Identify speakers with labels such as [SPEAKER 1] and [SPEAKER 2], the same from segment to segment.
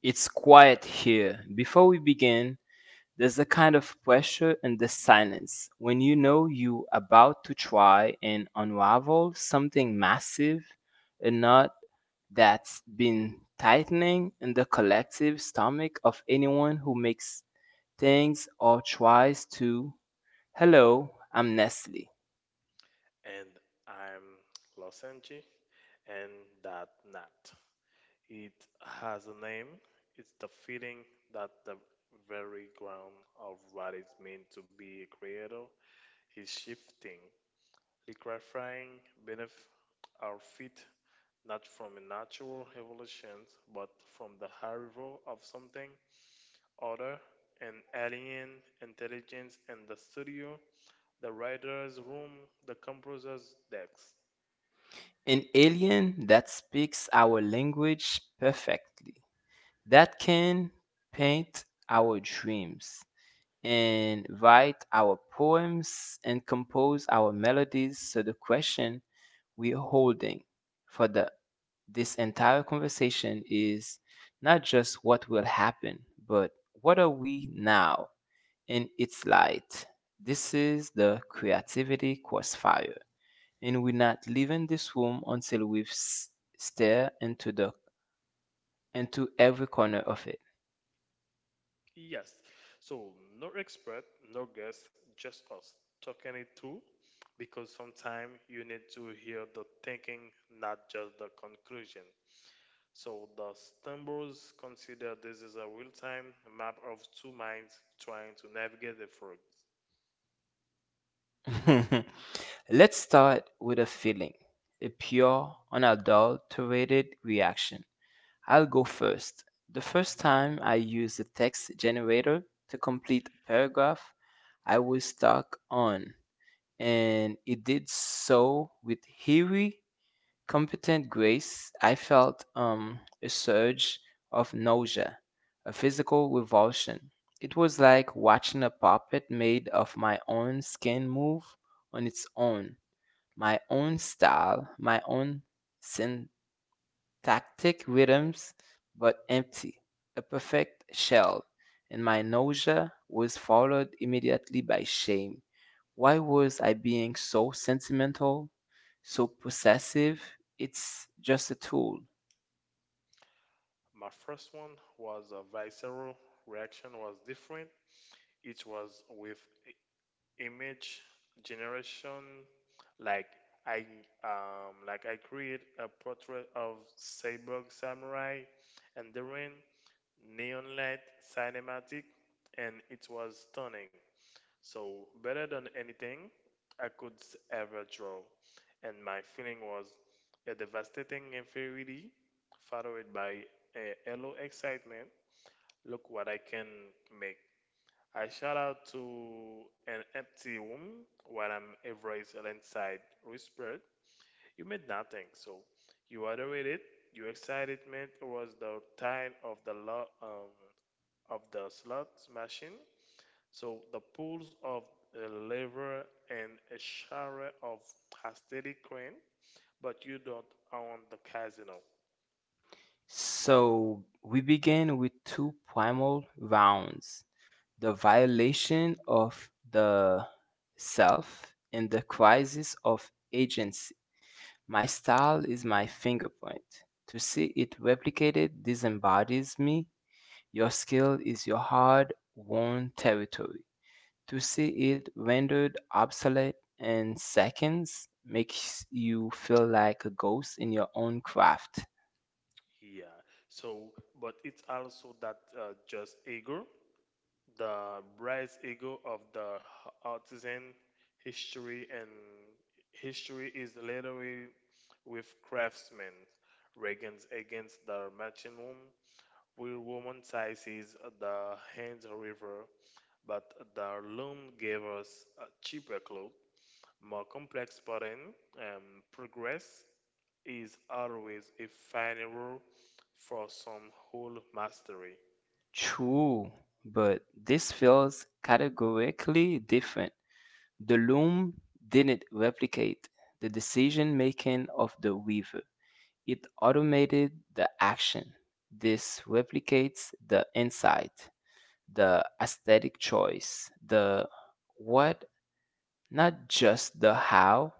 [SPEAKER 1] It's quiet here. Before we begin, there's a kind of pressure in the silence when you know you about to try and unravel something massive, a knot that's been tightening in the collective stomach of anyone who makes things or tries to. Hello, I'm Nestle,
[SPEAKER 2] And I'm Losenji, and that nut. It has a name. It's the feeling that the very ground of what it means to be a creator is shifting, liquefying beneath our feet, not from a natural evolution, but from the arrival of something other, an alien intelligence in the studio, the writer's room, the composer's desk.
[SPEAKER 1] an alien that speaks our language perfectly, that can paint our dreams and write our poems and compose our melodies. So the question we are holding for the this entire conversation is not just what will happen, but what are we now in its light? This is the creativity crossfire, and we're not leaving this room until we've stare into the into every corner of it.
[SPEAKER 2] Yes. So no expert, no guest, just us talking it through because sometimes you need to hear the thinking, not just the conclusion. So the stumbles consider this is a real time map of two minds trying to navigate the fog.
[SPEAKER 1] Let's start with a feeling, a pure, unadulterated reaction. I'll go first. The first time I used the text generator to complete a paragraph, I was stuck on, and it did so with Huey Competent grace, I felt a surge of nausea, a physical revulsion. It was like watching a puppet made of my own skin move on its own, my own style, my own Tactic rhythms, but empty, a perfect shell, and my nausea was followed immediately by shame. Why was I being so sentimental, so possessive? It's just a tool.
[SPEAKER 2] My first one was a visceral reaction was different. It was with image generation like i like I create a portrait of cyborg samurai and during neon light cinematic and it was stunning so better than anything I could ever draw and my feeling was a devastating inferiority followed by a hello excitement look what I can make. I shout out to an empty room while I'm Everest inside whispered, You made nothing, so you adored it. Your excitement was the time of the slot machine. So the pulls of a lever and a shower of aesthetic crane, but you don't own the casino.
[SPEAKER 1] So we begin with two primal rounds, the violation of the self and the crisis of agency. My style is my finger point. To see it replicated disembodies me. Your skill is your hard won territory. To see it rendered obsolete in seconds makes you feel like a ghost in your own craft.
[SPEAKER 2] Yeah. So, but it's also that just ego. The bright ego of the artisan history and history is literary with craftsmen. Regans against the merchant woman, will woman sizes the hands river, but the loom gave us a cheaper cloth, more complex pattern. Progress is always a final rule for some whole mastery.
[SPEAKER 1] True, but this feels categorically different. The loom didn't replicate the decision making of the weaver. It automated the action. This replicates the insight, the aesthetic choice, the what, not just the how.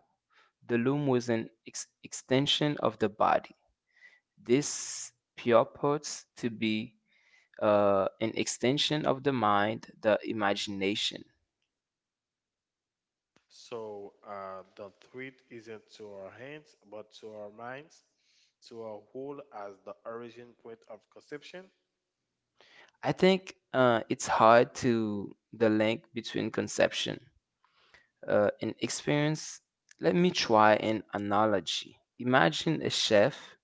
[SPEAKER 1] The loom was an extension of the body. This purports to be an extension of the mind, the imagination.
[SPEAKER 2] So the threat isn't to our hands, but to our minds, to our whole as the origin point of conception.
[SPEAKER 1] I think it's hard to the link between conception in experience. Let me try an analogy. Imagine a chef.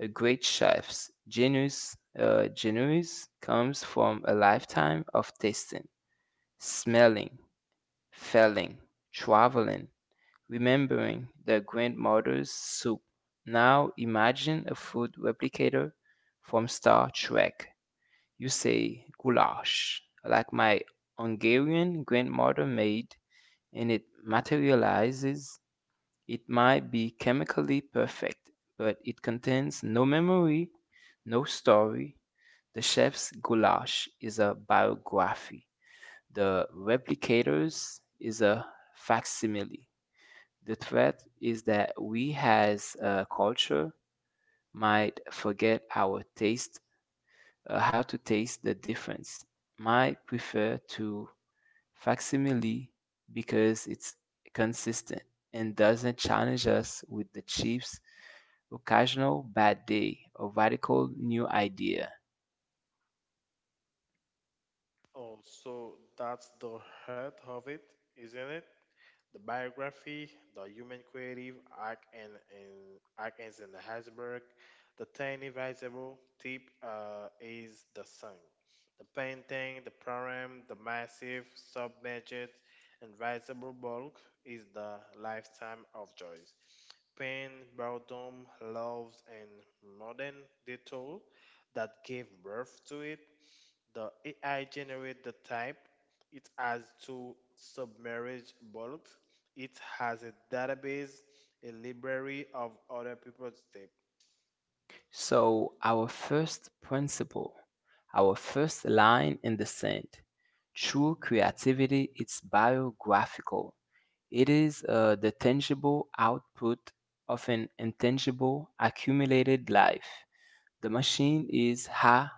[SPEAKER 1] A great chef's genius, genius comes from a lifetime of tasting, smelling, feeling, traveling, remembering their grandmother's soup. Now imagine a food replicator from Star Trek. You say goulash, like my Hungarian grandmother made, and it materializes. It might be chemically perfect, but it contains no memory, no story. The chef's goulash is a biography. The replicator's is a facsimile. The threat is that we as a culture might forget our taste, how to taste the difference, might prefer to facsimile because it's consistent and doesn't challenge us with the chief's occasional bad day or radical new idea.
[SPEAKER 2] Oh, so that's the heart of it, isn't it? The biography, the human creative arc and arc ends in the Habsburg. The tiny visible tip is the sun. The painting, the poem, the massive submerged invisible bulk is the lifetime of joys. Pain, boredom, loves, and modern detour that gave birth to it, the AI generate the type. It has two submerged bulks. It has a database, a library of other people's type.
[SPEAKER 1] So, our first principle, our first line in the sand, true creativity is biographical. It is the tangible output of an intangible accumulated life. The machine is ha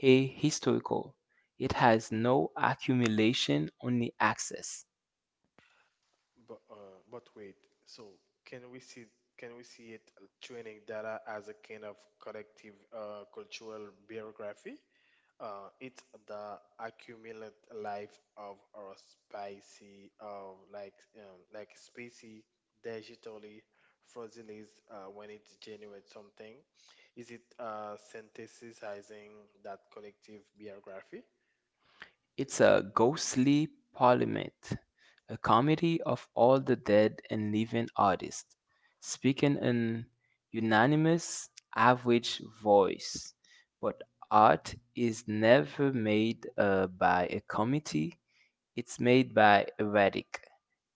[SPEAKER 1] ahistorical. It has no accumulation, only access.
[SPEAKER 2] But wait. So can we see can we see it training data as a kind of collective cultural biography? It's the accumulate life of our spicy of like species digitally fossils when it generates something. Is it synthesizing that collective biography?
[SPEAKER 1] It's a ghostly parliament, a comedy of all the dead and living artists, speaking in unanimous average voice. But art is never made by a committee. It's made by a radic.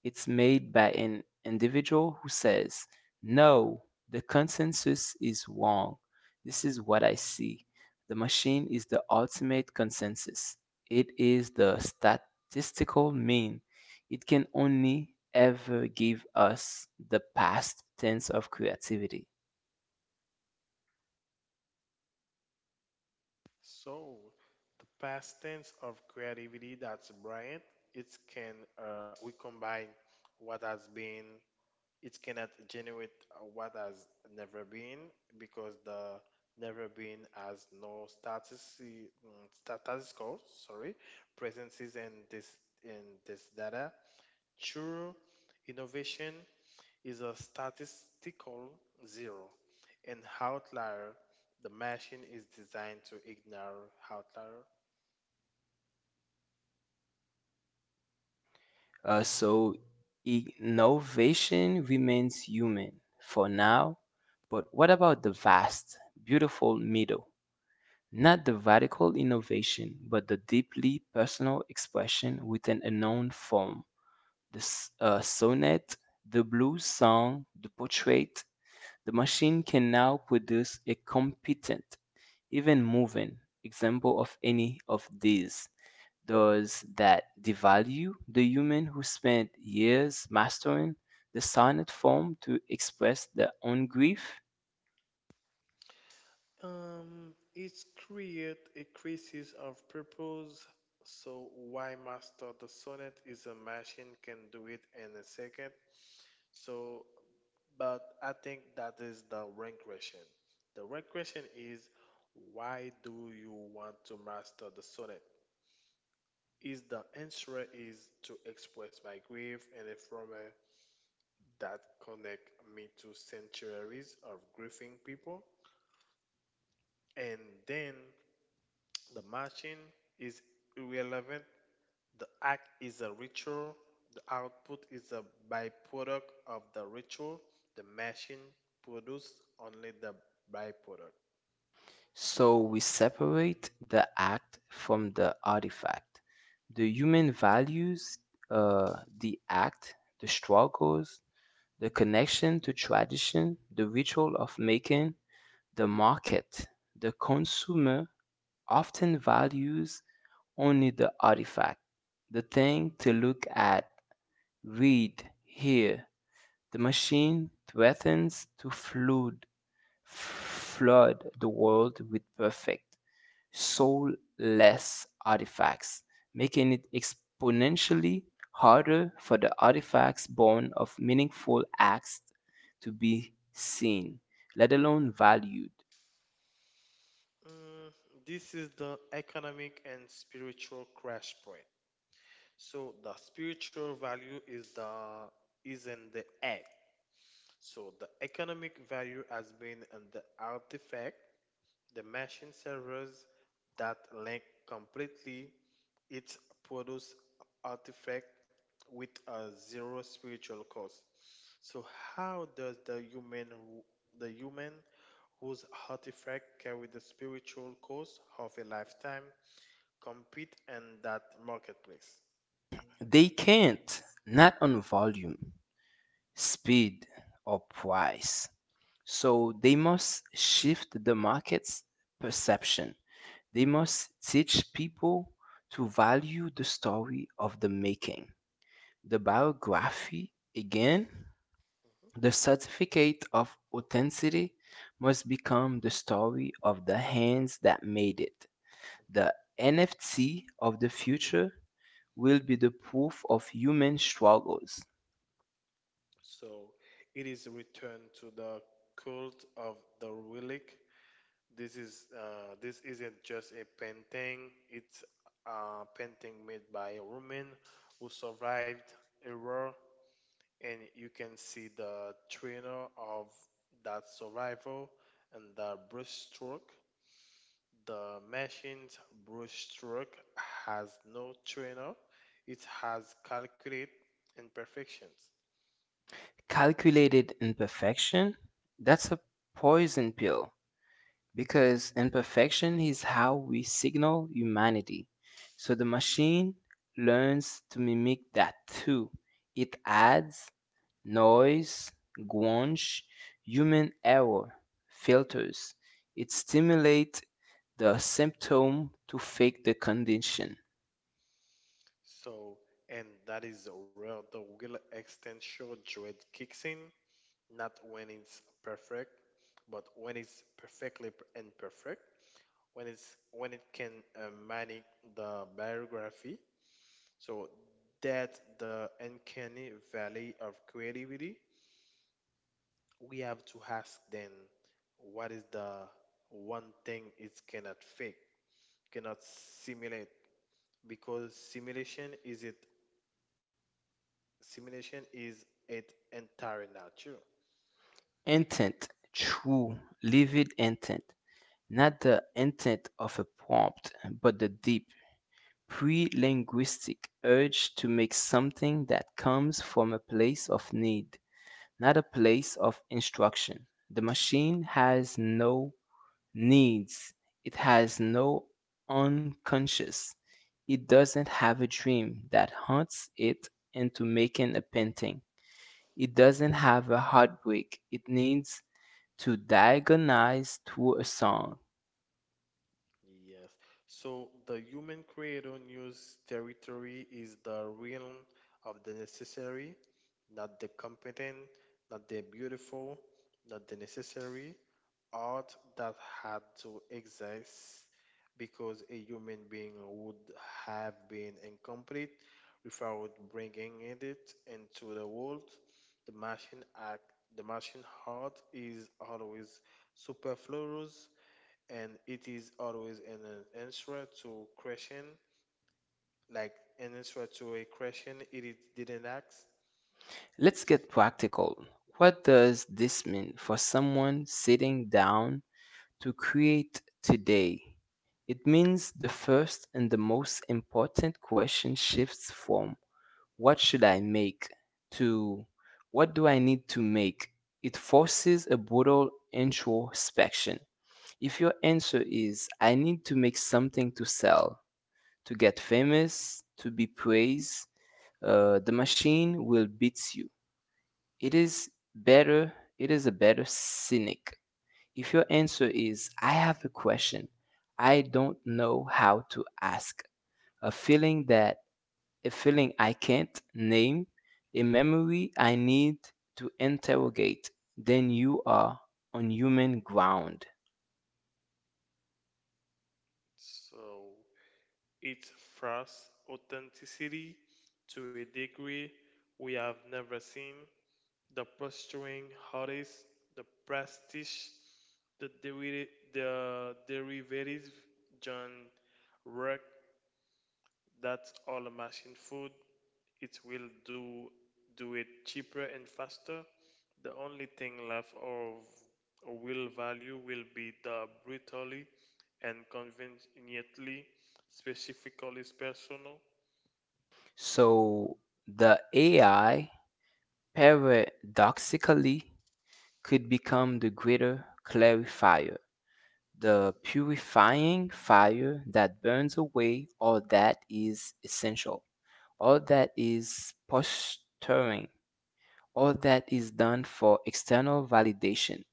[SPEAKER 1] It's made by an individual who says, "No, the consensus is wrong. This is what I see." The machine is the ultimate consensus. It is the statistical mean. It can only ever give us the past tense of creativity.
[SPEAKER 2] So, the past tense of creativity, that's Bryant. It we combine what has been, it cannot generate what has never been because the never been has no status, statistical, sorry, presences and this in this data. True innovation is a statistical zero. An outlier, the machine is designed to ignore outlier.
[SPEAKER 1] So innovation remains human for now, but what about the vast, beautiful middle? Not the radical innovation, but the deeply personal expression within a known form. The sonnet, the blues song, the portrait, the machine can now produce a competent, even moving example of any of these. Does that devalue the human who spent years mastering the sonnet form to express their own grief?
[SPEAKER 2] It creates a crisis of purpose. So why master the sonnet is a machine can do it in a second. So, but I think that is the rank question. The rank question is, why do you want to master the sonnet? Is the answer is to express my grief in a format that connect me to centuries of grieving people, and then the machine is irrelevant. The act is a ritual. The output is a byproduct of the ritual. The machine produces only the byproduct.
[SPEAKER 1] So we separate the act from the artifact. The human values uh, the act, the struggles, the connection to tradition, the ritual of making, the market. The consumer often values only the artifact, the thing to look at, read, hear. The machine threatens to flood the world with perfect, soulless artifacts, making it exponentially harder for the artifacts born of meaningful acts to be seen, let alone valued.
[SPEAKER 2] Mm, this is the economic and spiritual crash point. So the spiritual value is in the act. So the economic value has been in the artifact. The machine servers that link completely its produce artifact with a zero spiritual cost. So how does the human whose artifact carry the spiritual cost of a lifetime compete in that marketplace?
[SPEAKER 1] They can't, not on volume, speed or price. So they must shift the market's perception. They must teach people to value the story of the making. The biography, again, the certificate of authenticity must become the story of the hands that made it. The NFT of the future will be the proof of human struggles.
[SPEAKER 2] So it is returned to the cult of the relic. This is this isn't just a painting. It's a painting made by a woman who survived a war, and you can see the trainer of that survival and the brushstroke. The machine's brushstroke has no trainer. It has calculate imperfections.
[SPEAKER 1] Calculated imperfection? That's a poison pill because imperfection is how we signal humanity. So the machine learns to mimic that too. It adds noise, guanche, human error, filters. It stimulates the symptom to fake the condition.
[SPEAKER 2] So, and that is where the will extension dread kicks in, not when it's perfect, but when it's perfectly imperfect, when it can mimic the biography. So that the uncanny valley of creativity, we have to ask then, what is the one thing it cannot fake, cannot simulate? Because simulation is it entirely not true.
[SPEAKER 1] Intent, true, livid intent. Not the intent of a prompt, but the deep, pre-linguistic urge to make something that comes from a place of need, not a place of instruction. The machine has no needs. It has no unconscious. It doesn't have a dream that hunts it into making a painting. It doesn't have a heartbreak it needs to diagonalize through a song.
[SPEAKER 2] Yes. So the human creator news territory is the realm of the necessary, not the competent, not the beautiful, not the necessary, art that had to exist because a human being would have been incomplete without bringing it into the world. The machine act, the machine heart is always superfluous, and it is always an answer to question, like an answer to a question it is, didn't ask.
[SPEAKER 1] Let's get practical. What does this mean for someone sitting down to create today? It means the first and the most important question shifts from what should I make to what do I need to make? It forces a brutal introspection. If your answer is I need to make something to sell, to get famous, to be praised, the machine will beat you. It is better, it is a better cynic. If your answer is, I have a question, I don't know how to ask, a feeling that, a feeling I can't name, a memory I need to interrogate, then you are on human ground.
[SPEAKER 2] So it frosts authenticity to a degree we have never seen. The posturing artist, the prestige, the, derivative, the derivative John work. That's all machine food. It will do it cheaper and faster. The only thing left of will value will be the brutally and conveniently specifically personal.
[SPEAKER 1] So the AI paradoxically could become the greater clarifier, the purifying fire that burns away all that is essential, all that is posturing, all that is done for external validation,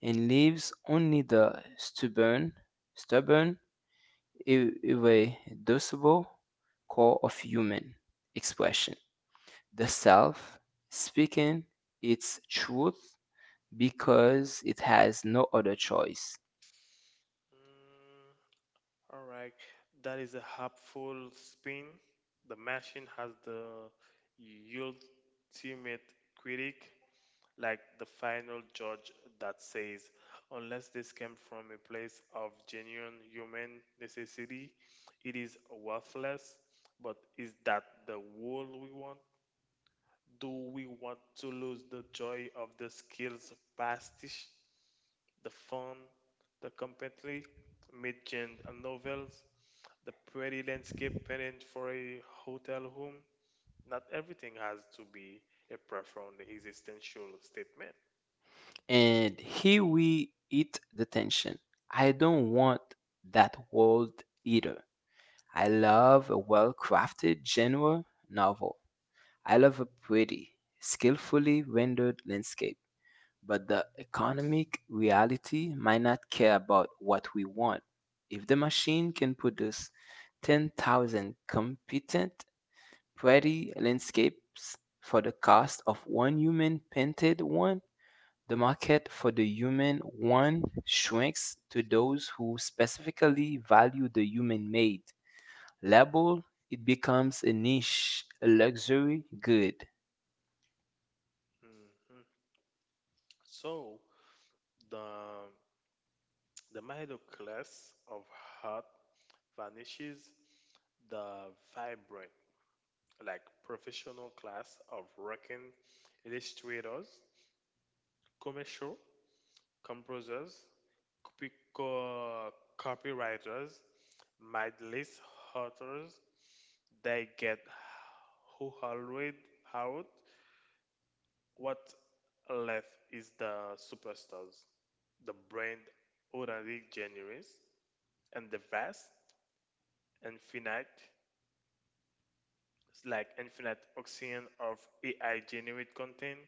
[SPEAKER 1] and leaves only the stubborn, irreducible core of human expression, the self speaking its truth because it has no other choice.
[SPEAKER 2] Mm, All right, that is a helpful spin. The machine has the ultimate critic, like the final judge that says, unless this came from a place of genuine human necessity, it is worthless. But is that the world we want? Do we want to lose the joy of the skills pastiche? The fun, the contemporary mid-genre novels, the pretty landscape painted for a hotel room. Not everything has to be a profound existential statement.
[SPEAKER 1] And here we eat the tension. I don't want that world either. I love a well crafted genre novel. I love a pretty, skillfully rendered landscape. But the economic reality might not care about what we want. If the machine can produce 10,000 competent, pretty landscapes for the cost of one human painted one, the market for the human one shrinks to those who specifically value the human made label. It becomes a niche, a luxury good.
[SPEAKER 2] So the the middle class of heart vanishes. The vibrant, like professional class of working illustrators, commercial composers, copy, co- copywriters, might list authors, they get who already out. What left is the superstars, the brand already generous and the vast, infinite, infinite ocean of AI generated content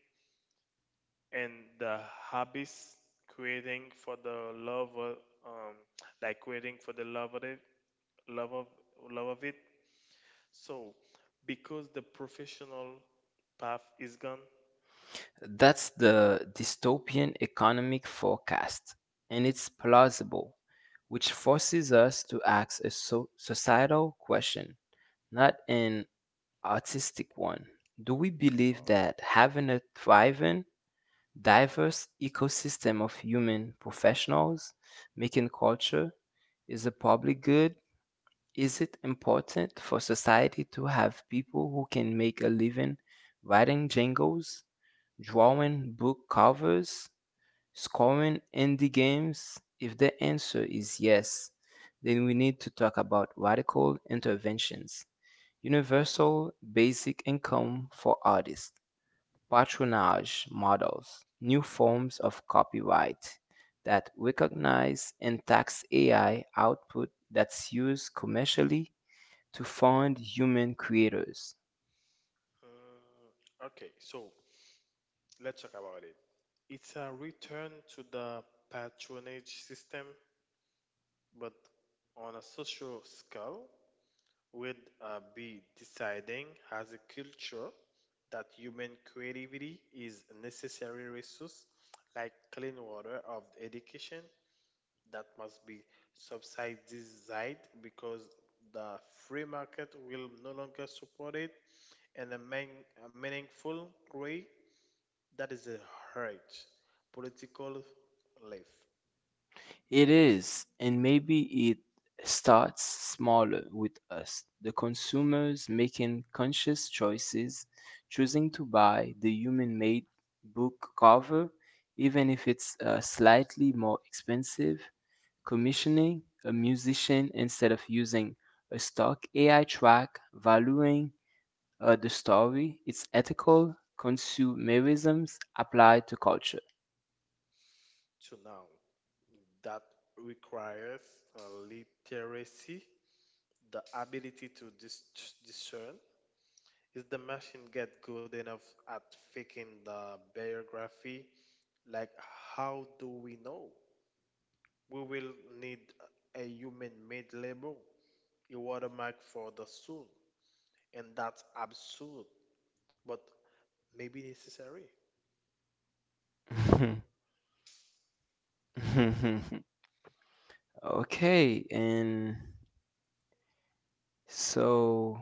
[SPEAKER 2] and the hobbies creating for um the love of love of it so because the professional path is gone.
[SPEAKER 1] That's the dystopian economic forecast, and it's plausible, which forces us to ask a societal question, not an artistic one. Do we believe that having a thriving, diverse ecosystem of human professionals making culture is a public good? Is it important for society to have people who can make a living writing jingles, drawing book covers, scoring indie games? If the answer is yes, then we need to talk about radical interventions, universal basic income for artists, patronage models, new forms of copyright that recognize and tax AI output that's used commercially to fund human creators.
[SPEAKER 2] mm, okay, so let's talk about it. It's a return to the patronage system, but on a social scale will be deciding as a culture that human creativity is a necessary resource like clean water of education that must be subsidized because the free market will no longer support it in a meaningful way. That is a hurt political life.
[SPEAKER 1] It is, and maybe it starts smaller with us, the consumers making conscious choices, choosing to buy the human made book cover, even if it's slightly more expensive, commissioning a musician instead of using a stock AI track, valuing the story, its ethical consumerisms applied to culture.
[SPEAKER 2] To now that requires uh, literacy, the ability to discern. Is the machine get good enough at faking the biography? Like, how do we know? We will need a human-made label, a watermark for the soul, and that's absurd, but maybe necessary. Yeah.
[SPEAKER 1] Okay, and so,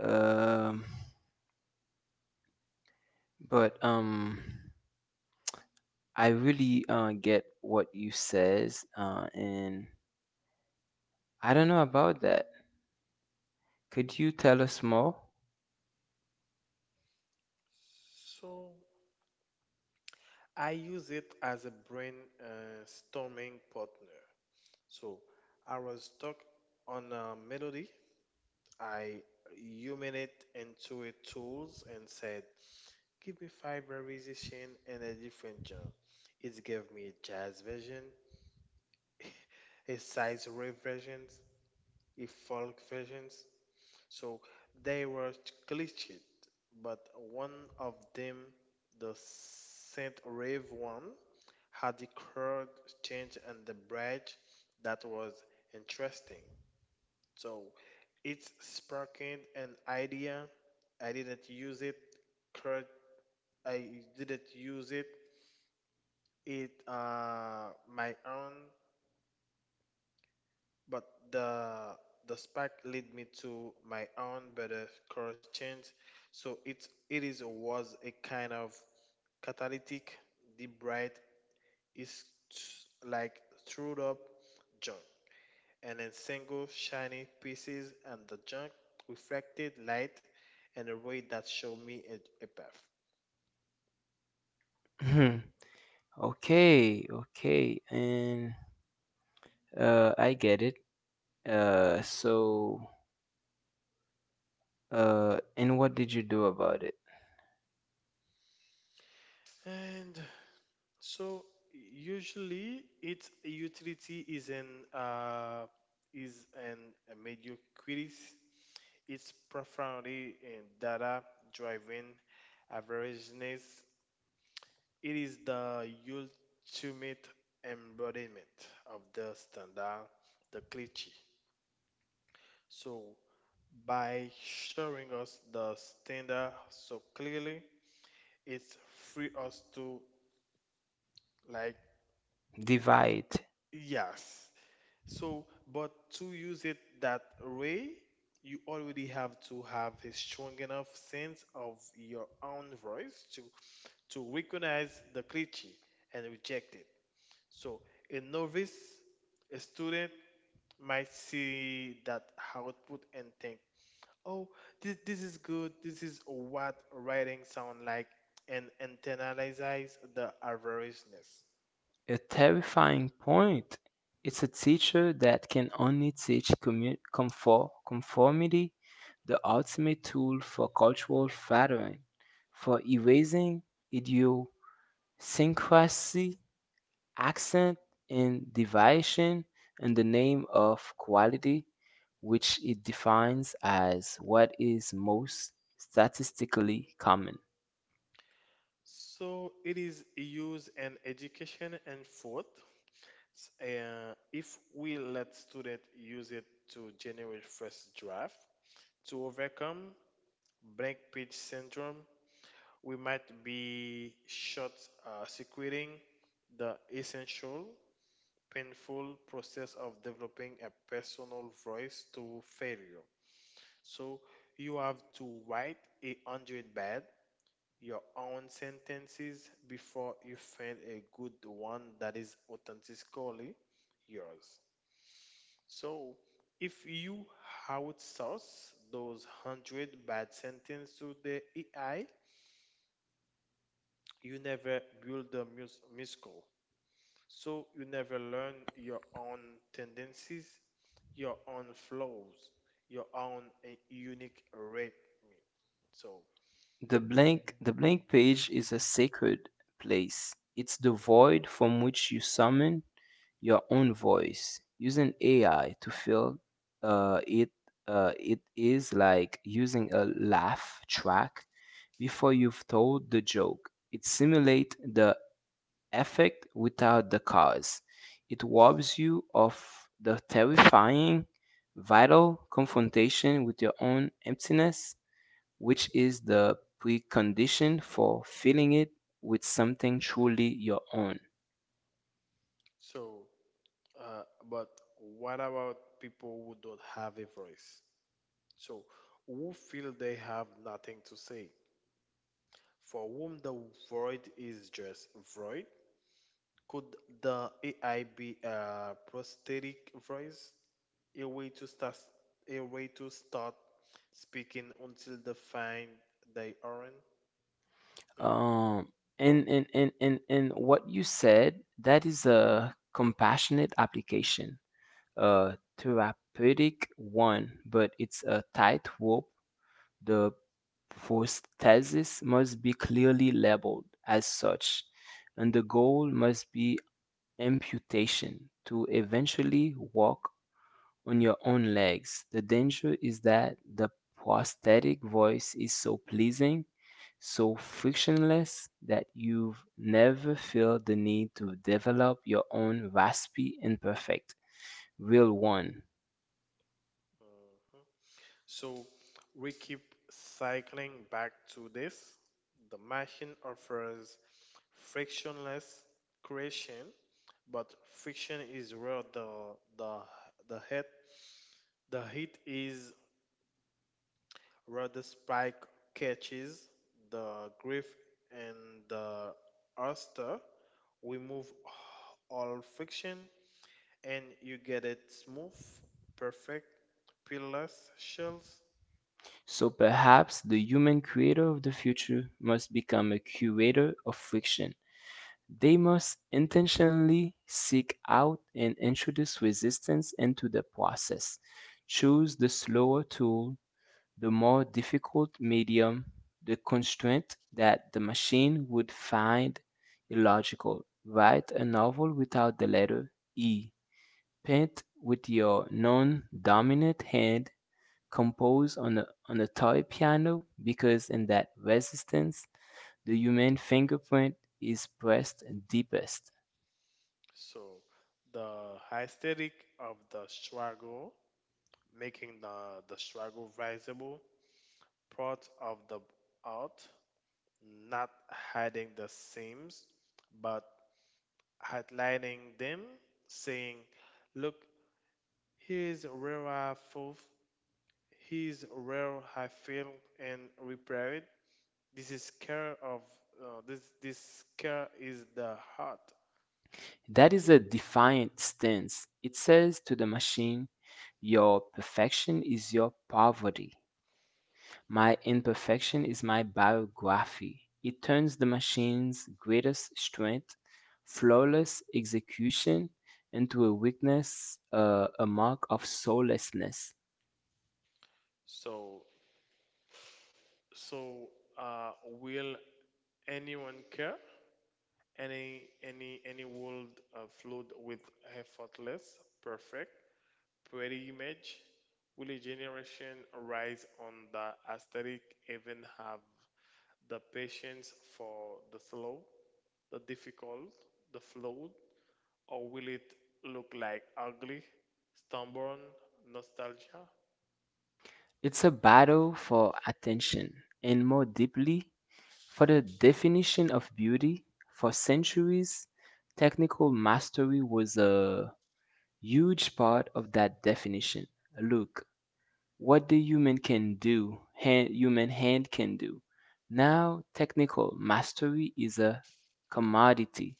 [SPEAKER 1] um, but I really get what you says, and I don't know about that. Could you tell us more?
[SPEAKER 2] So I use it as a brain storming partner. So I was stuck on a melody. I human it into a tools and said, give me five variation and a different genre. It gave me a jazz version, a size rave versions, a folk versions. So they were glitched, but one of them, the Saint Rave one, had the chord change and the bridge that was interesting. So it's sparking an idea. I didn't use it. cur- I didn't use it. It my own, but the the spark led me to my own better course change. So it's it is or was a kind of catalytic. The bright is like screwed up junk, and in single shiny pieces, and the junk reflected light in a way that showed me a path.
[SPEAKER 1] Okay, okay, and I get it. Uh, so, and what did you do about it?
[SPEAKER 2] And so usually it's utility is in uh, is in a mediocrity. It's profoundly in data driving averageness. It is the ultimate embodiment of the standard, the cliche. So, by showing us the standard so clearly, it's free us to like
[SPEAKER 1] Divide.
[SPEAKER 2] yes. So, but to use it that way, you already have to have a strong enough sense of your own voice to recognize the cliche and reject it. So, a novice, a student might see that output and think, Oh, this is good. This is what writing sound like, and internalizes the avariciousness.
[SPEAKER 1] A terrifying point. It's a teacher that can only teach conformity, the ultimate tool for cultural flattering, for erasing idiosyncrasy accent in deviation in the name of quality, which it defines as what is most statistically common.
[SPEAKER 2] So it is used in education and food. If we let student use it to generate first draft to overcome blank page syndrome, we might be short circuiting the essential painful process of developing a personal voice to failure. So you have to write a hundred bad your own sentences before you find a good one that is authentically yours. So if you outsource those hundred bad sentences to the AI, you never build a musical. So you never learn your own tendencies, your own flows, your own unique rhythm. So,
[SPEAKER 1] The blank page is a sacred place. It's the void from which you summon your own voice. Using AI to fill uh, it, it is like using a laugh track before you've told the joke. It simulates the effect without the cause. It robs you of the terrifying, vital confrontation with your own emptiness, which is the precondition for filling it with something truly your own.
[SPEAKER 2] so, uh, but what about people who don't have a voice? So, who feel they have nothing to say? For whom the void is just void, could the AI be a prosthetic voice, a way to start, a way to start speaking until they find they aren't? Hmm?
[SPEAKER 1] Um, and what you said, that is a compassionate application, a therapeutic one, but it's a tightrope. The prosthesis must be clearly labeled as such, and the goal must be amputation to eventually walk on your own legs. The danger is that the prosthetic voice is so pleasing, so frictionless, that you've never feel the need to develop your own raspy, imperfect, real one.
[SPEAKER 2] So we keep cycling back to this. The machine offers frictionless creation, but friction is where the the head the heat is. Rather, Spike catches the grief and the oyster. We move all friction and you get it smooth, perfect, peerless shells.
[SPEAKER 1] So perhaps the human creator of the future must become a curator of friction. They must intentionally seek out and introduce resistance into the process, choose the slower tool, the more difficult medium, the constraint that the machine would find illogical. Write a novel without the letter E. Paint with your non dominant hand, compose on a toy piano because in that resistance, the human fingerprint is pressed deepest.
[SPEAKER 2] So the aesthetic of the struggle, making the struggle visible, part of the art, not hiding the seams, but highlighting them, saying, look. Here's where I feel. Here's where I feel and repair it. This is care of. This care is the heart.
[SPEAKER 1] That is a defiant stance. It says to the machine, your perfection is your poverty. My imperfection is my biography. It turns the machine's greatest strength, flawless execution, into a weakness, a mark of soullessness.
[SPEAKER 2] So So, uh, will anyone care? Any world flowed with effortless, perfect, pretty image? Will a generation rise on the aesthetic even have the patience for the slow, the difficult, the flawed, or will it look like ugly, stubborn nostalgia?
[SPEAKER 1] It's a battle for attention, and more deeply, for the definition of beauty. For centuries, technical mastery was a huge part of that definition. Look, what the human can do, human hand can do. Now, technical mastery is a commodity,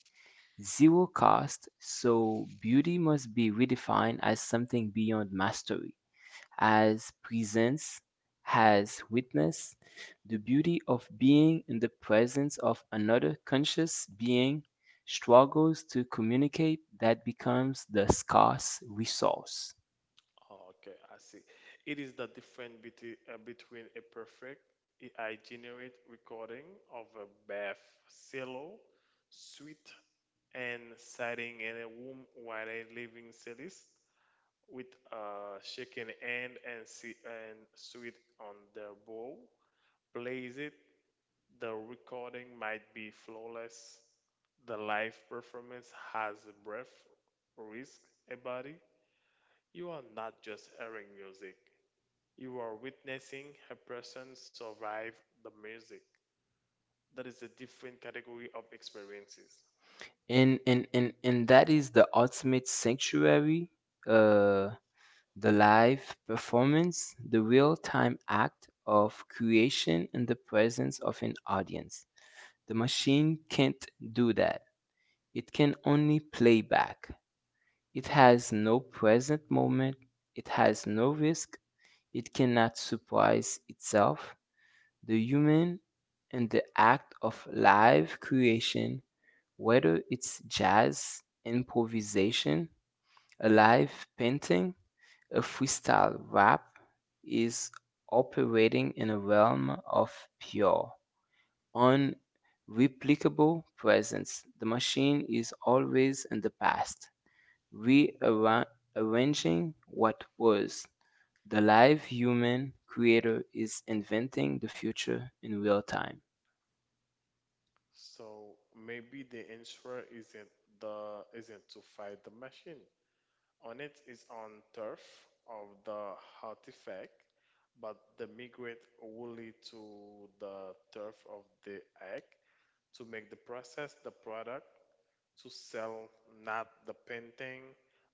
[SPEAKER 1] zero cost, so beauty must be redefined as something beyond mastery as presence, has witness, the beauty of being in the presence of another conscious being struggles to communicate that becomes the scarce resource.
[SPEAKER 2] Oh, okay, I see. It is the difference between between a perfect AI generate recording of a bath cello suite and sitting in a room while a living cellist with a shaking hand and see and sweet on their bow plays it. The recording might be flawless. The live performance has breath, risk, a body. You are not just hearing music. You are witnessing a person survive the music. That is a different category of experiences.
[SPEAKER 1] And that is the ultimate sanctuary, uh, the live performance, the real time act of creation in the presence of an audience. The machine can't do that. It can only play back. It has no present moment, it has no risk, it cannot surprise itself. The human and the act of live creation, whether it's jazz improvisation, a live painting, a freestyle rap, is operating in a realm of pure, unreplicable presence. The machine is always in the past, we awa- avenging what was. The live human creator is inventing the future in real time.
[SPEAKER 2] So maybe the answer isn't the isn't to fight the machine. On it is on turf of the artifact, but the migrate only to the turf of the egg, to make the process the product, to sell not the painting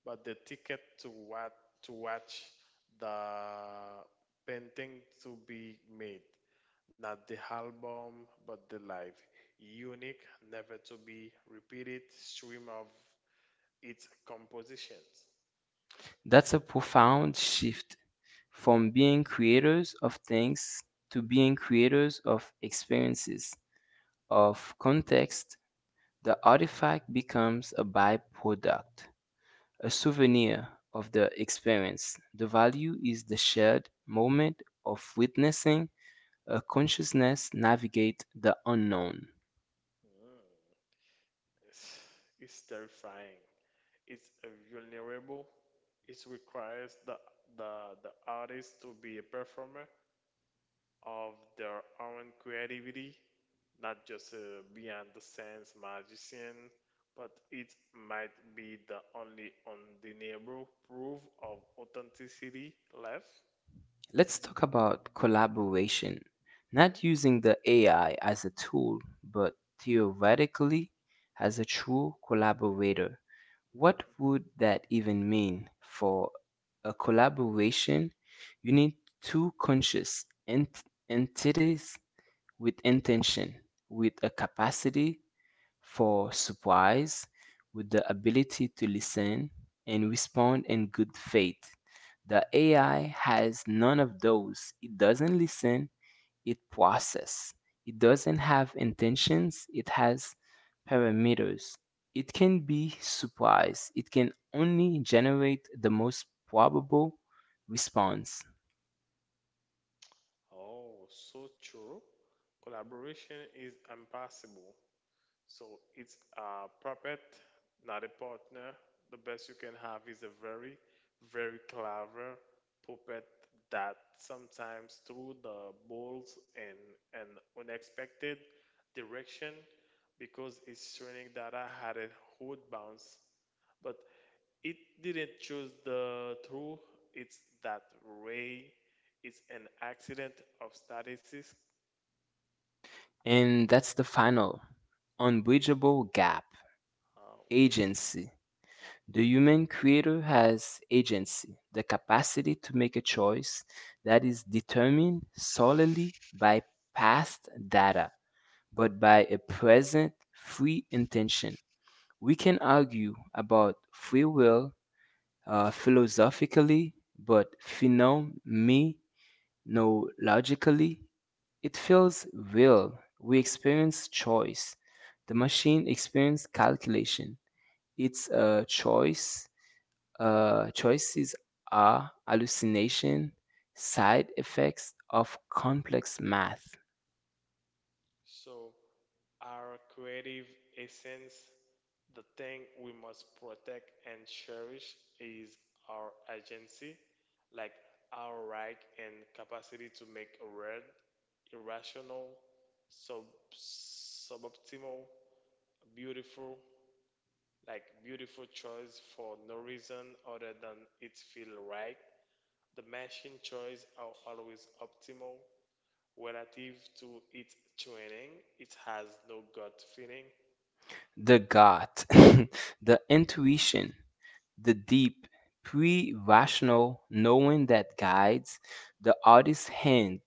[SPEAKER 2] but the ticket to what, to watch the painting to be made, not the album but the live, unique, never to be repeated stream of its compositions.
[SPEAKER 1] That's a profound shift from being creators of things to being creators of experiences, of context. The artifact becomes a byproduct, a souvenir of the experience. The value is the shared moment of witnessing consciousness navigate the unknown.
[SPEAKER 2] It's, it's terrifying, it's vulnerable, it requires the the artist to be a performer of their own creativity, not just a beyond the sense magician, but it might be the only undeniable proof of authenticity left.
[SPEAKER 1] Let's talk about collaboration,
[SPEAKER 2] Mhm.
[SPEAKER 1] not using the AI as a tool, but theoretically as a true collaborator. What would that even mean? For a collaboration, you need two conscious entities with intention, with a capacity for supplies with the ability to listen and respond in good faith. The AI has none of those. It doesn't listen, it processes. It doesn't have intentions, it has parameters. It can be surprised. It can only generate the most probable response.
[SPEAKER 2] Oh, so true. Collaboration is impossible. So it's a puppet, not a partner. The best you can have is a very, very clever puppet that sometimes through the balls in an unexpected direction because its training data had a hard bounce, but it didn't choose the true. It's that ray. It's an accident of statistics.
[SPEAKER 1] And that's the final unbridgeable gap,
[SPEAKER 2] Uh,
[SPEAKER 1] agency. The human creator has agency, the capacity to make a choice that is determined solely by past data, but by a present free intention. We can argue about free will philosophically, but phenomenologically, it feels real. We experience choice. The machine experiences calculation. It's a choice choices are hallucination, side effects of complex math.
[SPEAKER 2] So our creative essence, the thing we must protect and cherish, is our agency, like our right and capacity to make a world irrational, sub suboptimal, beautiful, like beautiful choice for no reason other than it feel right. The machine choice are always optimal relative to its training. It has no gut feeling.
[SPEAKER 1] The gut, the intuition, the deep, pre rational knowing that guides the artist's hand.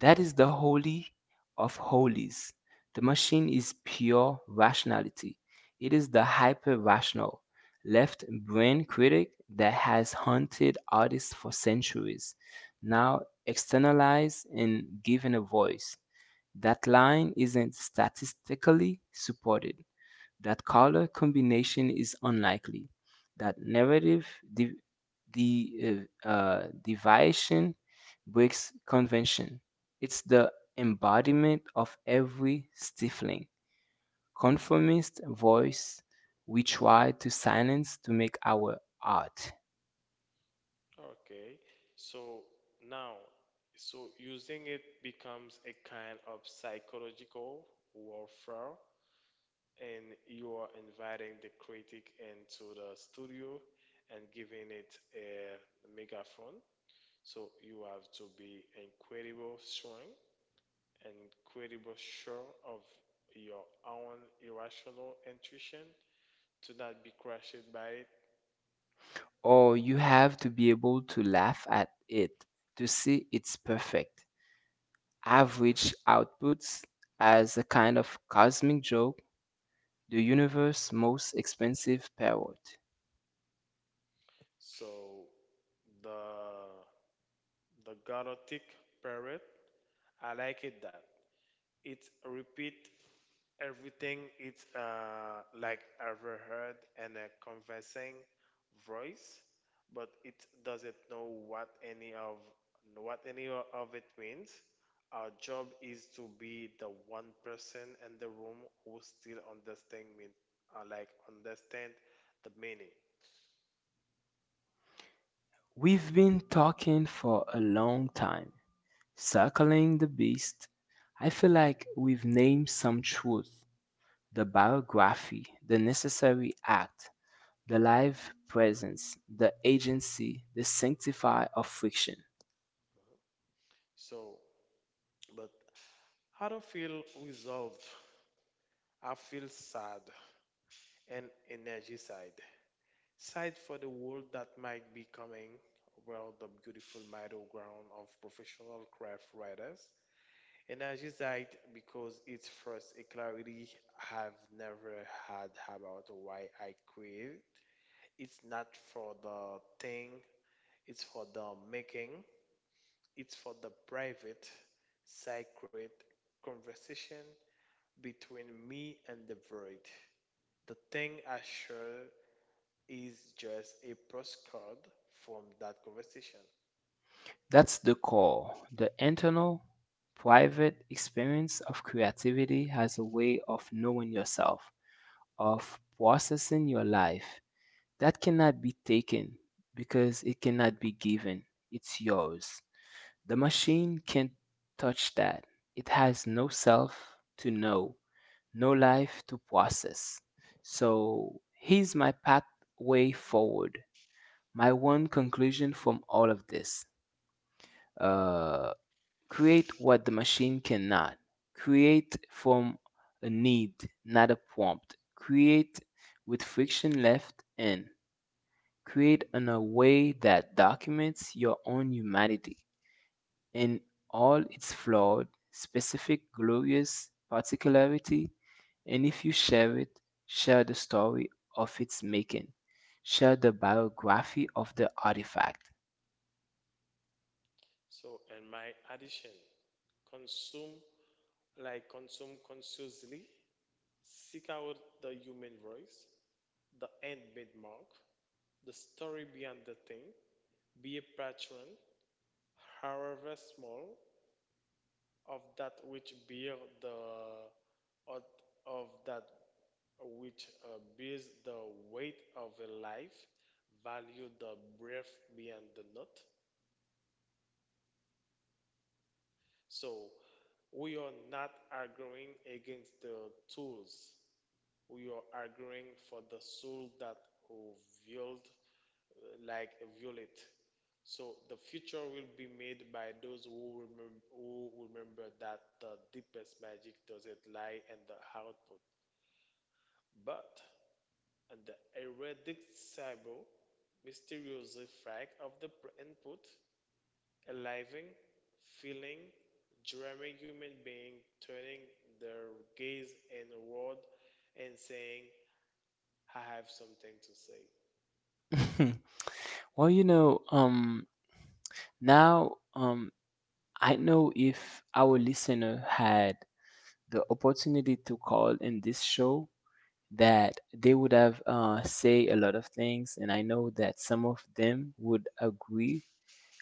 [SPEAKER 1] That is the holy of holies. The machine is pure rationality. It is the hyper rational left brain critic that has hunted artists for centuries, now externalized and given a voice. That line isn't statistically supported that color combination is unlikely, that narrative de- deviation breaks convention. It's the embodiment of every stifling, conformist voice we try to silence to make our art.
[SPEAKER 2] Okay, so now, so using it becomes a kind of psychological warfare, and you are inviting the critic into the studio and giving it a megaphone. So you have to be incredible strong, incredible sure of your own irrational intuition to not be crushed by it.
[SPEAKER 1] Or you have to be able to laugh at it to see its perfect, average outputs as a kind of cosmic joke. The universe's most expensive parrot.
[SPEAKER 2] So the the Galactic Parrot, I like it that it repeat everything it's like ever heard and a conversing voice, but it doesn't know what any of what any of it means. Our job is to be the one person in the room who still understand me, like understand the meaning.
[SPEAKER 1] We've been talking for a long time, circling the beast. I feel like we've named some truth: the biography, the necessary act, the live presence, the agency, the sanctifier of friction.
[SPEAKER 2] So But I don't feel resolved. I feel sad and energy side. Side for the world that might be coming, well the beautiful middle ground of professional craft writers. Energy side because it's first a clarity I've never had about why I create. It's not for the thing, it's for the making, it's for the private, sacred conversation between me and the void. The thing I share is just a postcard from that conversation.
[SPEAKER 1] That's the core. The internal, private experience of creativity has a way of knowing yourself, of processing your life. That cannot be taken because it cannot be given. It's yours. The machine can't touch that. It has no self to know, no life to process. So here's my pathway forward. My one conclusion from all of this. Uh, Create what the machine cannot. Create from a need, not a prompt. Create with friction left in. Create in a way that documents your own humanity in all its flawed, specific, glorious particularity. And if you share it, share the story of its making. Share the biography of the artifact.
[SPEAKER 2] So, and my addition, consume, like consume consciously, seek out the human voice, the handmade mark, the story behind the thing, be a patron, however small, of that which bear the of, of that which bears the weight of a life, value the breath beyond the note. So we are not arguing against the tools. We are arguing for the soul that violed, like violet. So the future will be made by those who remember that the deepest magic doesn't lie in the output, but in the erratic cyber mysterious fact of the input. A living, feeling, dreaming human being turning their gaze inward and saying, I have something to say.
[SPEAKER 1] Well, now, I know if our listener had the opportunity to call in this show, that they would have say a lot of things, and I know that some of them would agree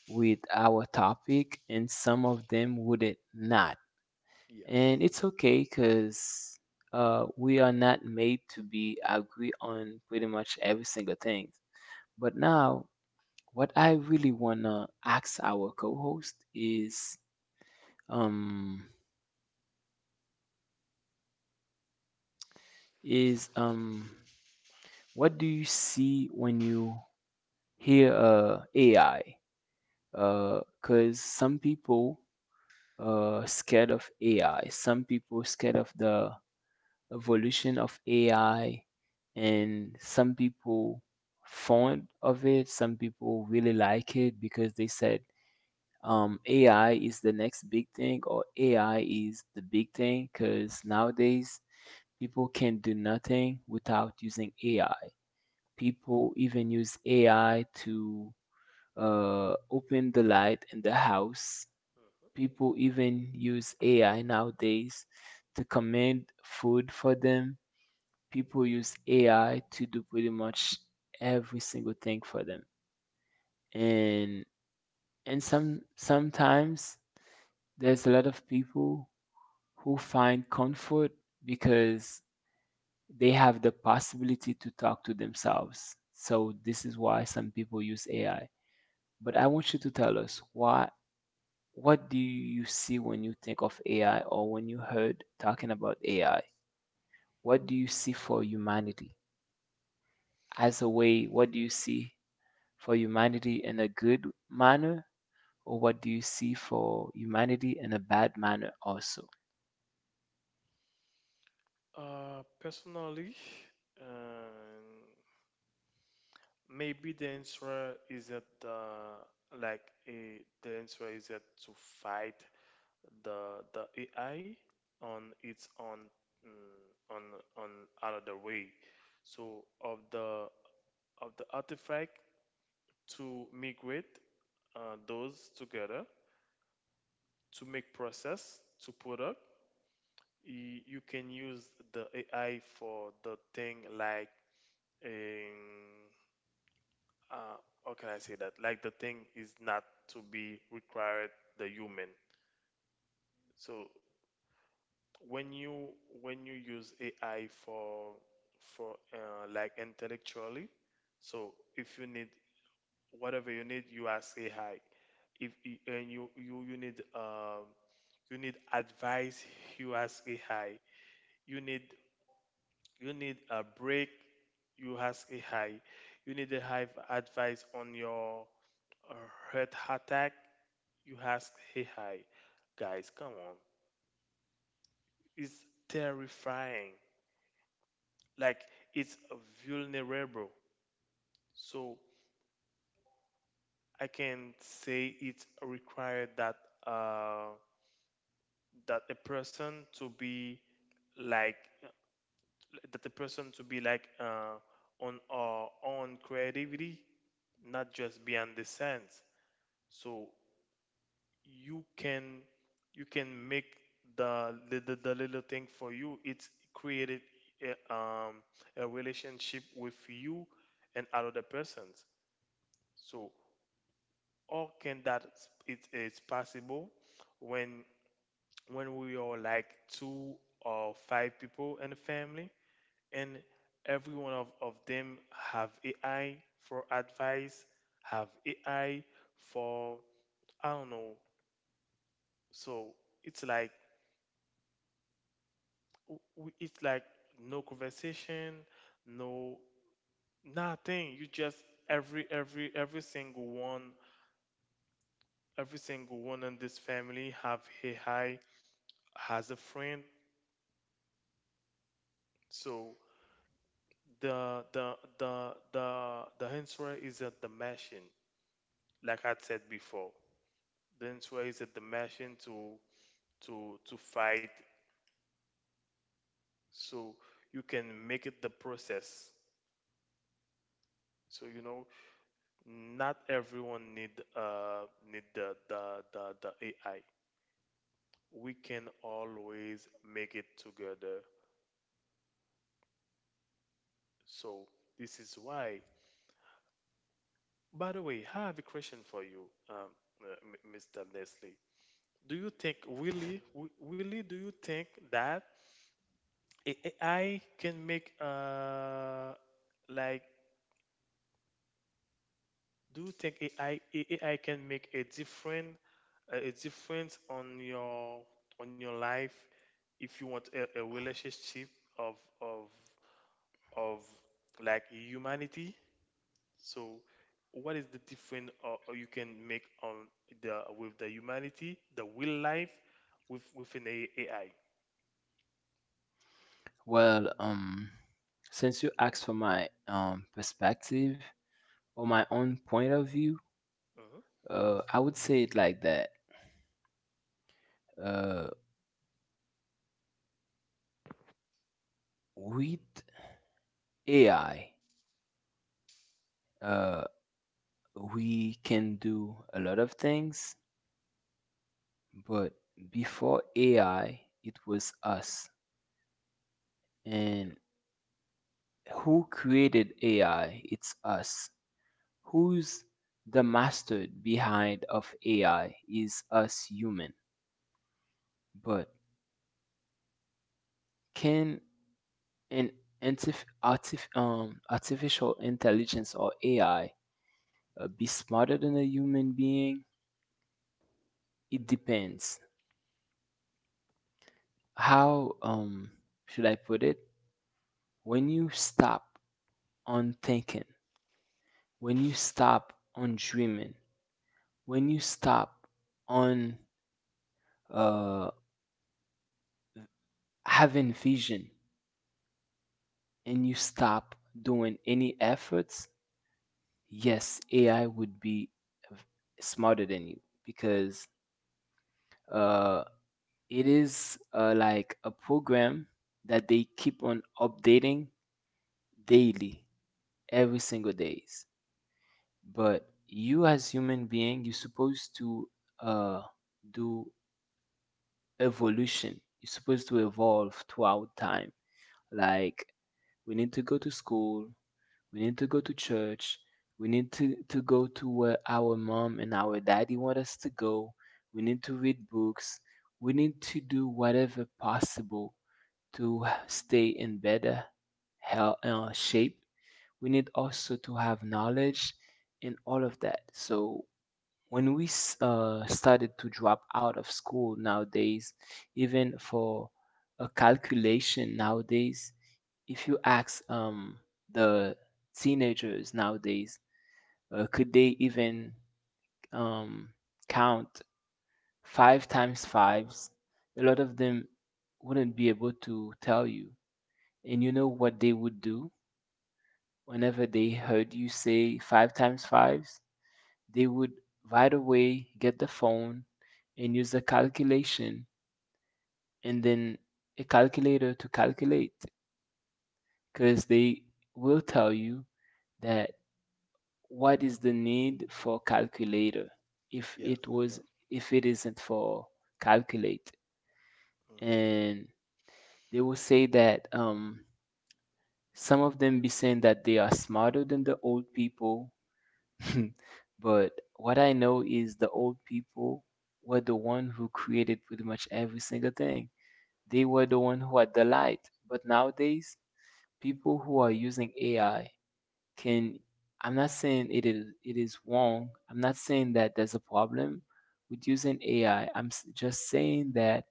[SPEAKER 1] with our topic, and some of them wouldn't not.
[SPEAKER 2] Yes.
[SPEAKER 1] And it's okay because we are not made to be agree on pretty much every single thing. But now, what I really wanna ask our co-host is, um is um, what do you see when you hear AI? Because some people scared of AI. Some people scared of the evolution of AI, and some people fond of it. Some people really like it because they said AI is the next big thing, or AI is the big thing. Because nowadays people can do nothing without using AI. People even use AI to open the light in the house.
[SPEAKER 2] Mhm.
[SPEAKER 1] People even use AI nowadays to command food for them. People use AI to do pretty much every single thing for them. And and sometimes there's a lot of people who find comfort because they have the possibility to talk to themselves. So this is why some people use AI. But I want you to tell us why what do you see when you think of AI or when you heard talking about AI? What do you see for humanity? As a way, what do you see for humanity in a good manner or what do you see for humanity in a bad manner also?
[SPEAKER 2] Personally, um, maybe the answer is that the answer is that to fight the AI on its own, mm, on on another way. So of the artifact to migrate those together to make process to product. You can use the AI for the thing like in, uh, how can I say that? Like the thing is not to be required the human. So when you use AI for like intellectually, so if you need whatever you need you ask AI if and you need advice, you ask AI, you need a break, you ask AI, you need to have advice on your uh, heart attack, you ask AI. Guys, come on, it's terrifying, like it's vulnerable. So I can say it required that uh a person to be like, that the person to be like on our own creativity, not just beyond the sense. So you can make the little thing for you. It's created a, um, a relationship with you and other persons. So how can that, it's possible when we are like 2 or 5 people in the family, and every one of them have AI for advice, have AI for, I don't know. So it's like it's like no conversation, no nothing. You just every single one, every single one in this family have AI has a friend. So the answer is a dimension, like I said before. The answer is a dimension to fight, so you can make it the process. So you know, not everyone need need the AI. We can always make it together. So this is why. By the way, I have a question for you, Mr. Leslie. Do you think Willie? Really, do you think that A- AI can make like, do you think AI can make a different a difference on your life if you want a relationship of of of like humanity? So what is the difference or you can make on the with the humanity, the real life with within a AI?
[SPEAKER 1] Well, since you asked for my perspective or my own point of view,
[SPEAKER 2] Mhm.
[SPEAKER 1] I would say it like that. Uh with AI, we can do a lot of things, but before AI, it was us. And who created AI? It's us. Who's the master behind of AI is us human. But can an artificial intelligence or AI be smarter than a human being? It depends. How should I put it? When you stop on thinking, when you stop on dreaming, when you stop on uh, having vision, and you stop doing any efforts, yes, AI would be uh, smarter than you because uh, it is like a program that they keep on updating daily, every single days. But you as human being, you're supposed to uh, do evolution is supposed to evolve throughout time. Like we need to go to school, we need to go to church, we need to go to where our mom and our daddy want us to go. We need to read books. We need to do whatever possible to stay in better health, shape. We need also to have knowledge in all of that. So when we started to drop out of school nowadays, even for a calculation nowadays, if you ask the teenagers nowadays, could they even um, count five times fives? A lot of them wouldn't be able to tell you. And you know what they would do whenever they heard you say five times fives? They would right away get the phone and use a calculation and then a calculator to calculate because they will tell you that what is the need for calculator if
[SPEAKER 2] Yeah.
[SPEAKER 1] it was
[SPEAKER 2] Yeah.
[SPEAKER 1] if it isn't for calculate,
[SPEAKER 2] Hmm.
[SPEAKER 1] and they will say that some of them be saying that they are smarter than the old people. But what I know is the old people were the one who created pretty much every single thing. They were the one who had the light. But nowadays, people who are using AI. Can I'm not saying it is wrong. I'm not saying that there's a problem with using AI. I'm just saying that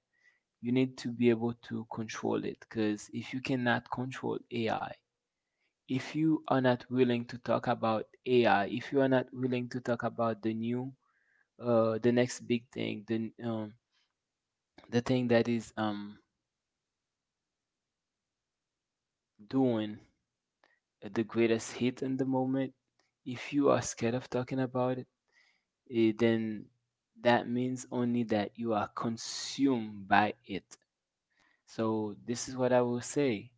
[SPEAKER 1] you need to be able to control it because if you cannot control AI if you are not willing to talk about AI, if you are not willing to talk about the new, the next big thing, the thing that is doing the greatest hit in the moment, if you are scared of talking about it, then that means only that you are consumed by it. So this is what I will say.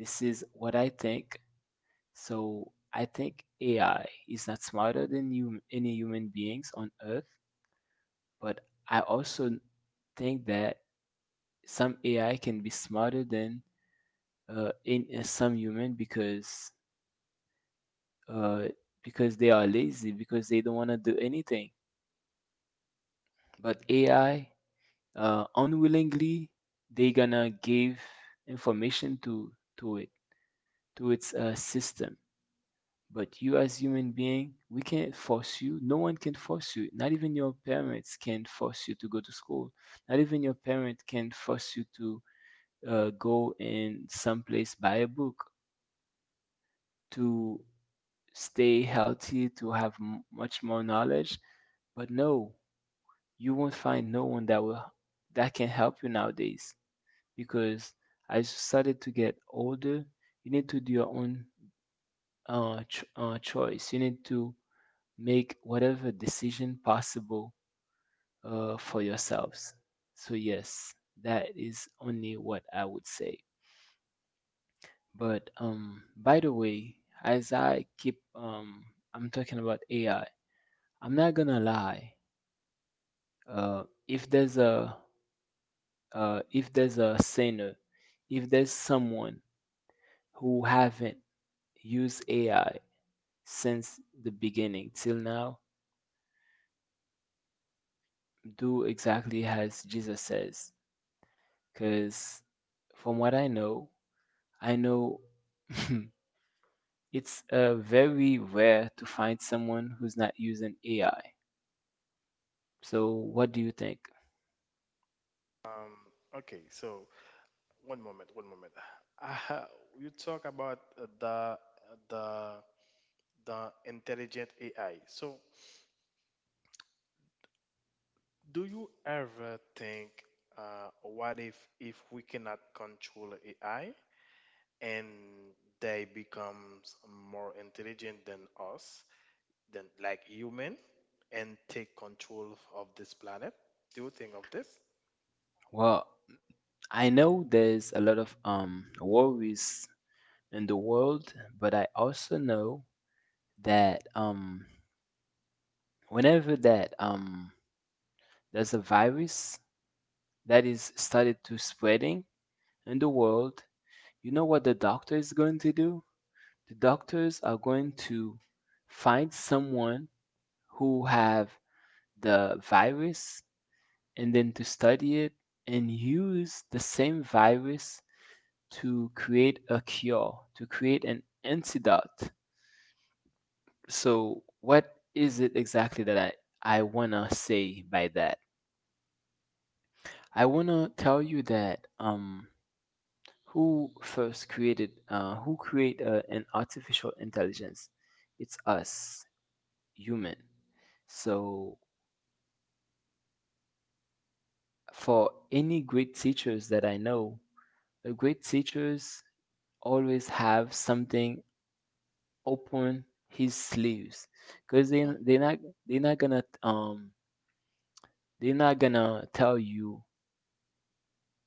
[SPEAKER 1] This is what I think. So I think AI is not smarter than you, any human beings on Earth. But I also think that some AI can be smarter than in some human uh, because they are lazy because they don't want to do anything. But AI unwillingly they gonna give information to it to its system. But you as human being, we can't force you. No one can force you. Not even your parents can force you to go to school. Not even your parent can force you to go and someplace buy a book to stay healthy, to have much more knowledge. But no, you won't find no one that can help you nowadays because as you started to get older, you need to do your own choice. You need to make whatever decision possible for yourselves. So yes, that is only what I would say. But by the way, as I keep I'm talking about AI. I'm not gonna lie. If there's a sinner, if there's someone who haven't used AI since the beginning till now, do exactly as Jesus says. Cause from what I know it's very rare to find someone who's not using AI. So what do you think?
[SPEAKER 2] Um, okay, so one moment, one moment. Uh, you talk about the the intelligent AI. So, do you ever think, what if we cannot control AI and they becomes more intelligent than us, than like human, and take control of this planet? Do you think of this?
[SPEAKER 1] Well, I know there's a lot of worries in the world, but I also know that whenever that there's a virus that is started to spreading in the world, you know what the doctor is going to do? The doctors are going to find someone who have the virus and then to study it and use the same virus to create a cure, to create an antidote. So, what is it exactly that I want to say by that? I want to tell you that who created an artificial intelligence? It's us, human. So, for any great teachers that I know, the great teachers always have something open his sleeves because they're not gonna um they're not gonna tell you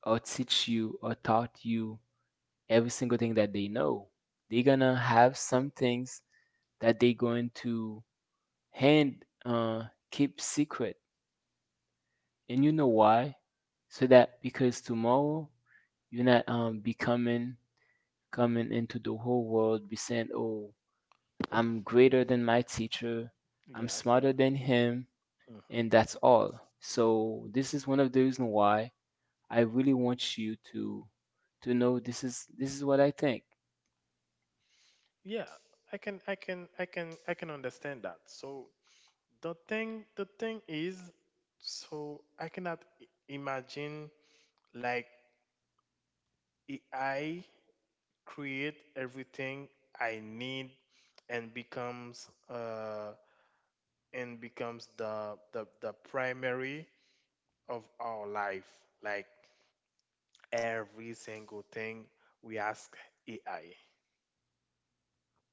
[SPEAKER 1] or teach you or taught you every single thing that they know. They're gonna have some things that they're going to hand keep secret, and you know why? So that because tomorrow you're not becoming coming into the whole world be saying, "Oh, I'm greater than my teacher. I'm
[SPEAKER 2] Yeah. Yeah.
[SPEAKER 1] smarter than him."
[SPEAKER 2] Hmm.
[SPEAKER 1] And that's all. So this is one of the reasons why I really want you to know this is what I think.
[SPEAKER 2] Yeah, I can understand that. So the thing is, so I cannot imagine like AI create everything I need and becomes the primary of our life, like every single thing we ask AI.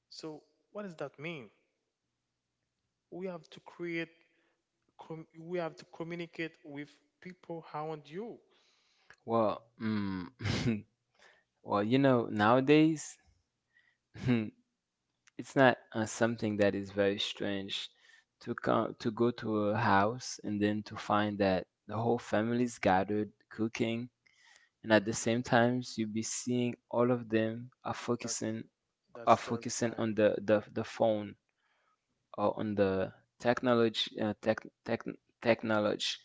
[SPEAKER 2] So what does that mean? We have to create we have to communicate with people around you.
[SPEAKER 1] Well, well, nowadays it's not something that is very strange to come to go to a house and then to find that the whole family's gathered cooking, and at the
[SPEAKER 2] Mm,
[SPEAKER 1] same times you be seeing all of them
[SPEAKER 2] that
[SPEAKER 1] are
[SPEAKER 2] that's
[SPEAKER 1] focusing on
[SPEAKER 2] terrifying.
[SPEAKER 1] the phone on the technology, uh, tech, tech, technology.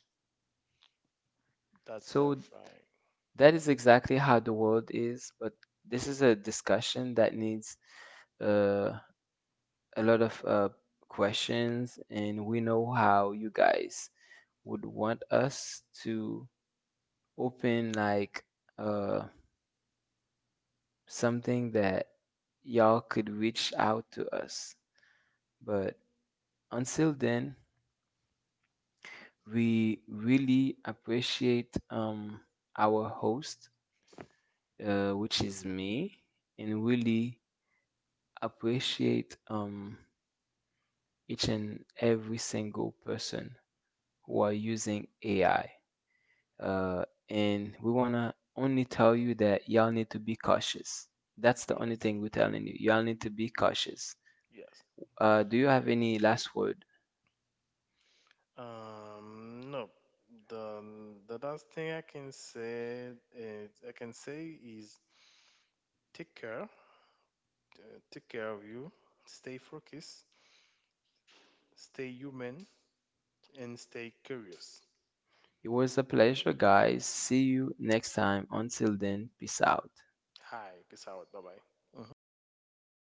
[SPEAKER 2] That's
[SPEAKER 1] So
[SPEAKER 2] terrifying.
[SPEAKER 1] that is exactly how the world is, but this is a discussion that needs uh, a lot of questions, and we know how you guys would want us to open like uh, something that y'all could reach out to us. But until then, we really appreciate our host which is me, and really appreciate each and every single person who are using AI. And we wanna only tell you that y'all need to be cautious. That's the only
[SPEAKER 2] Yes,
[SPEAKER 1] thing we're telling you. Y'all need to be cautious.
[SPEAKER 2] yes.
[SPEAKER 1] Do you have any last word?
[SPEAKER 2] No. The the last thing I can say is, I can say is take care, take care of you, stay focused, stay human, and stay curious.
[SPEAKER 1] It was a pleasure, guys. See you next time. Until then, peace out.
[SPEAKER 2] Hi, peace out. Bye bye.